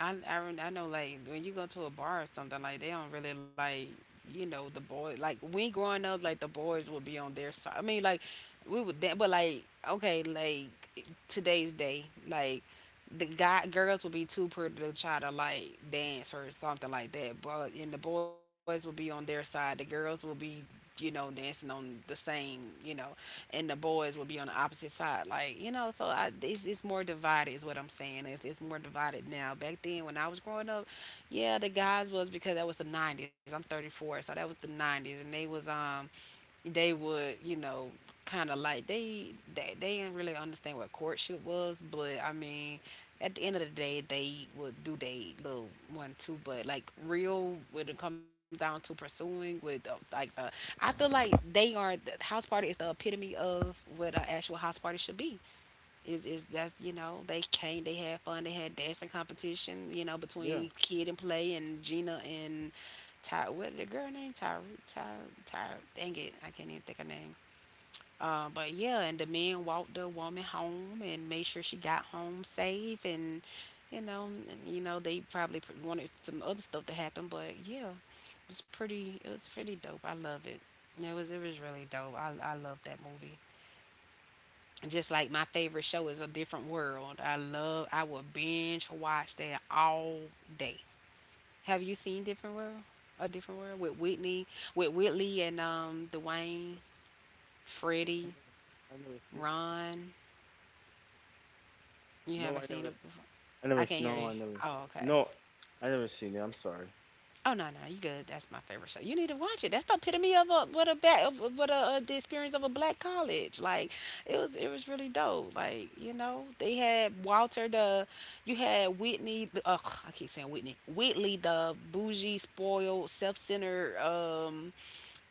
I know, like when you go to a bar or something, like they don't really like, the boys, like we growing up, like the boys would be on their side. I mean, like we would then, but like, okay, like today's day, like the guy girls would be too pretty to try to like dance or something like that. But and the boys will be on their side. The girls will be, dancing on the same, you know and the boys would be on the opposite side. Like, it's more divided is what I'm saying. It's more divided now. Back then when I was growing up, yeah, the guys was, because that was the 90s. I'm 34, so that was the 90s, and they was, they would, you know, kind of like, they didn't really understand what courtship was. But I mean, at the end of the day, they would do they little one too. But like, real, when it comes down to pursuing, with the, like the, I feel like they are, the house party is the epitome of what an actual house party should be, is that's, they came, they had fun, they had dancing competition,
Yeah.
between Kid and Play and Gina and Ty, what the girl name, Ty Ty, dang it, I can't even think of her name. But yeah, and the men walked the woman home and made sure she got home safe. And, and, they probably wanted some other stuff to happen, but yeah, it was pretty dope. I love it. It was really dope. I love that movie. Just like my favorite show is A Different World. I love. I will binge watch that all day. Have you seen Different World? A Different World with Whitney, with Whitley and Dwayne, Freddie,
I never seen it.
Ron. You
No,
haven't
I
seen
never.
it before.
I never
I
s-
can't hear
no,
you.
I never
Oh, okay.
no, I never seen it. I'm sorry.
Oh no, no, you good. That's my favorite show. You need to watch it. That's the epitome of a, what a bad of, what a the experience of a black college. Like it was, it was really dope. Like, they had Walter, the, you had Whitney. Ugh, I keep saying Whitney. Whitley, the bougie, spoiled, self centered.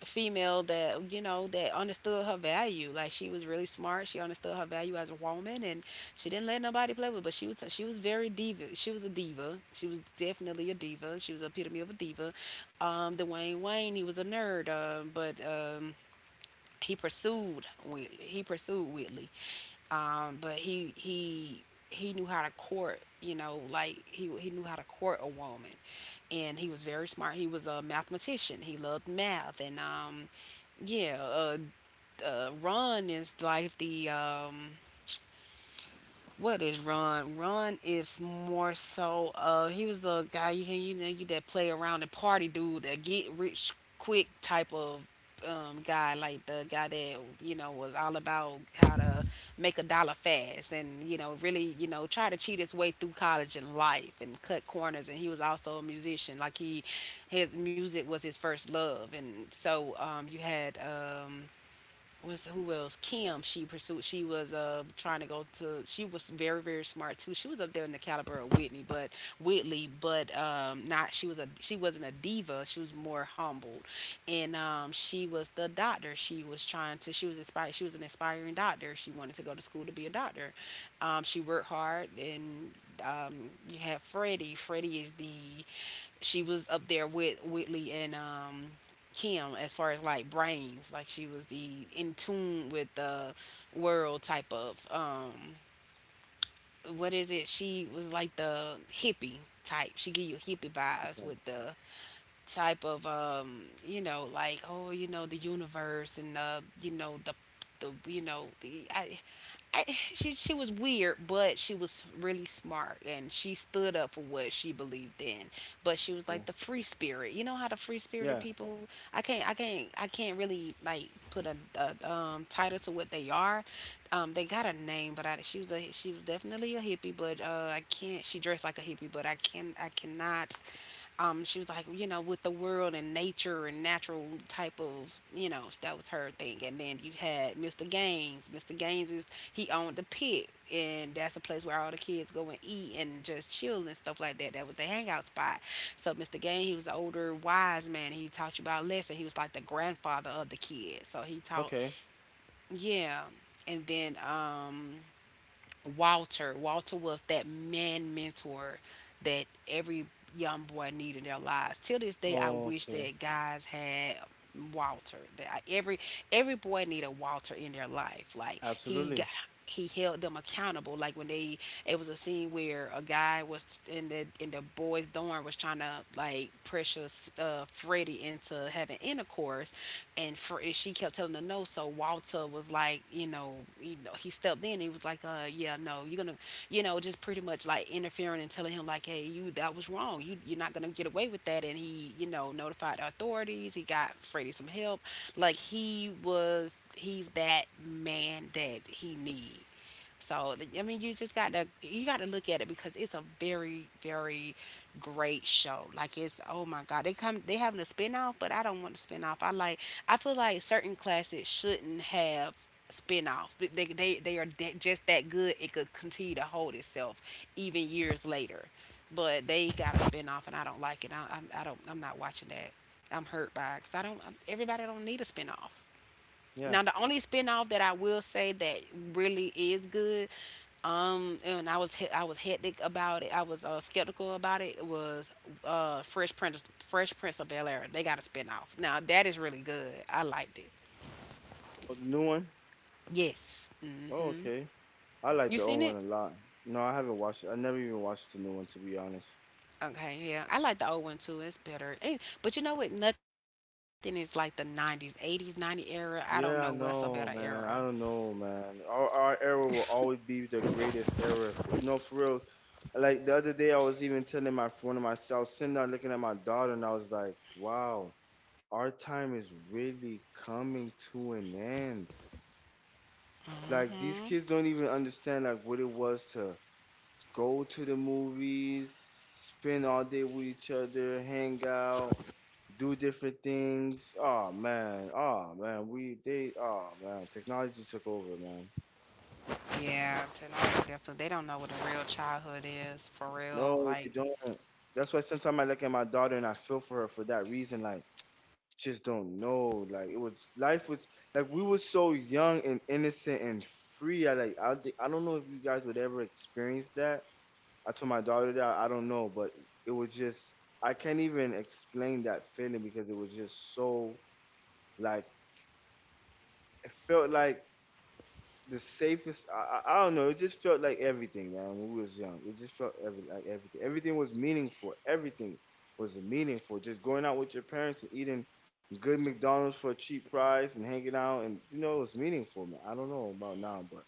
Female that, that understood her value. Like she was really smart, she understood her value as a woman, and she didn't let nobody play with her, but she was very diva. She was a diva. She was definitely a diva. She was the epitome of a diva. Dwayne Wayne, he was a nerd, but he pursued Whitley. But he knew how to court, like he knew how to court a woman. And he was very smart. He was a mathematician. He loved math. And, yeah, Ron is like the, what is Ron? Ron is more so, he was the guy, you can, you know you that play around and party dude, that get rich quick type of guy, like the guy that, was all about how to make a dollar fast, and, really, try to cheat his way through college and life and cut corners. And he was also a musician. Like, his music was his first love. And so, you had, was who else? Kim. She pursued. She was, trying to go to. She was very very smart too. She was up there in the caliber of Whitney, but Whitley, but not. She wasn't a diva. She was more humbled, and she was the doctor. She was trying to. She was inspired. She was an aspiring doctor. She wanted to go to school to be a doctor. She worked hard, and you have Freddie. Freddie is the. She was up there with Whitley and Kim as far as like brains. Like she was the in tune with the world type of what is it? She was like the hippie type. She give you hippie
You
vibes
can-
with the type of, like oh, you know, the universe and the, you know, the, you know, the she was weird, but she was really smart, and she stood up for what she believed in. But she was
okay.
like the free spirit. You know how the free spirited
Yeah.
people. I can't really like put a title to what they are. They got a name, but she was a she was definitely a hippie. But I can't. She dressed like a hippie, but I can I cannot she was like, you know, with the world and nature and natural type of, you know, that was her thing. And then you had Mr. Gaines. Mr. Gaines is he owned the pit, and that's a place where all the kids go and eat and just chill and stuff like that. That was the hangout spot. So Mr. Gaines, he was an older, wise man. He taught you about lessons. He was like the grandfather of the kids. So he taught,
Okay.
yeah. And then Walter. Walter was that man mentor that every young boy needed in their lives. Till this day, I
Oh,
wish
okay.
that guys had Walter. Every boy need a Walter in their life. Like he got.
Absolutely.
He held them accountable. Like when they, it was a scene where a guy was in the boys' dorm was trying to like pressure Freddie into having intercourse, and for, she kept telling her no. So Walter was like, you know, he stepped in. He was like, yeah, no, you're gonna, you know, just pretty much like interfering and telling him like, hey, you that was wrong. You're not gonna get away with that. And he, you know, notified the authorities. He got Freddie some help. He's that man that he needs. So I mean, you just got to you got to look at it because it's a very very great show. Like it's oh my god, they having a spinoff, but I don't want a spinoff. I like I feel like certain classes shouldn't have spin offs. They are that just that good. It could continue to hold itself even years later. But they got a spinoff, and I don't like it. I don't. I'm not watching that. I'm hurt by because I don't. Everybody don't need a spinoff.
Yeah.
Now the only spinoff that I will say that really is good, and I was hectic about it. I was skeptical about it. It was Fresh Prince of Bel Air. They got a spinoff. Now that is really good. I liked it.
Oh, the new one?
Yes. Mm.
Oh, okay. I like
You
the
seen
old one
it?
a lot. No, I haven't watched. I never even watched the new one to be honest.
Okay, yeah. I like the old one too. It's better. And, but you know what? Nothing is like the 90s, 80s, 90 era. I don't know what's a better
Yeah, I
era.
know, man. I don't know, man. Our era will always be the greatest era. For, no, for real. Like the other day, I was even telling my one of my I was sitting down looking at my daughter, and I was like, "Wow, our time is really coming to an end. Like these kids don't even understand like what it was to go to the movies, spend all day with each other, hang out, do different things. Oh man, we they oh man, technology took over, man.
Yeah, tonight definitely. They don't know what a real childhood is for real.
No, they
Like
don't. That's why sometimes I look at my daughter and I feel for her for that reason. Like just don't know. Like it was life was like we were so young and innocent and free. I think I don't know if you guys would ever experience that. I told my daughter that I don't know, but it was just I can't even explain that feeling because it was just so like it felt like the safest. I don't know. It just felt like everything, man. When we was young, it just felt every, like everything. Everything was meaningful. Everything was meaningful. Just going out with your parents and eating good McDonald's for a cheap price and hanging out, and you know, it was meaningful. Man. I don't know about now, but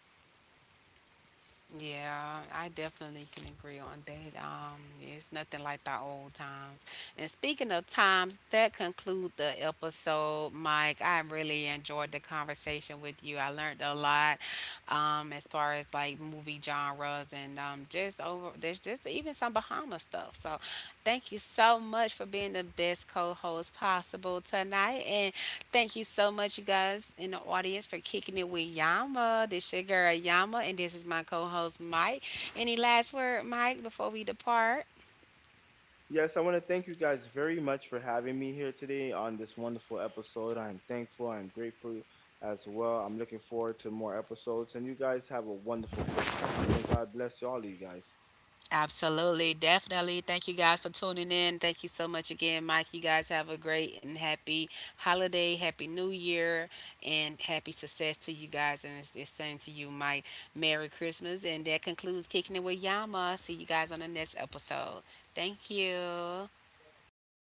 yeah, I definitely can agree on that. It's nothing like the old times. And speaking of times, that concludes the episode, Mike. I really enjoyed the conversation with you. I learned a lot, as far as like movie genres and just over there's just even some Bahama stuff. So, thank you so much for being the best co-host possible tonight. And thank you so much, you guys in the audience, for kicking it with Yama. This your girl Yama, and this is my co-host Mike. Any last word, Mike, before we depart?
yes, I want to thank you guys very much for having me here today on this wonderful episode. I'm thankful, I'm grateful as well. I'm looking forward to more episodes, and you guys have a wonderful Christmas. And may God bless all of you guys.
Absolutely, definitely. Thank you guys for tuning in. Thank you so much again, Mike. You guys have a great and happy holiday, happy new year, and happy success to you guys. And it's the same to you, Mike. Merry Christmas. And that concludes Kicking It With Yama. See you guys on the next episode. Thank you.
Bye.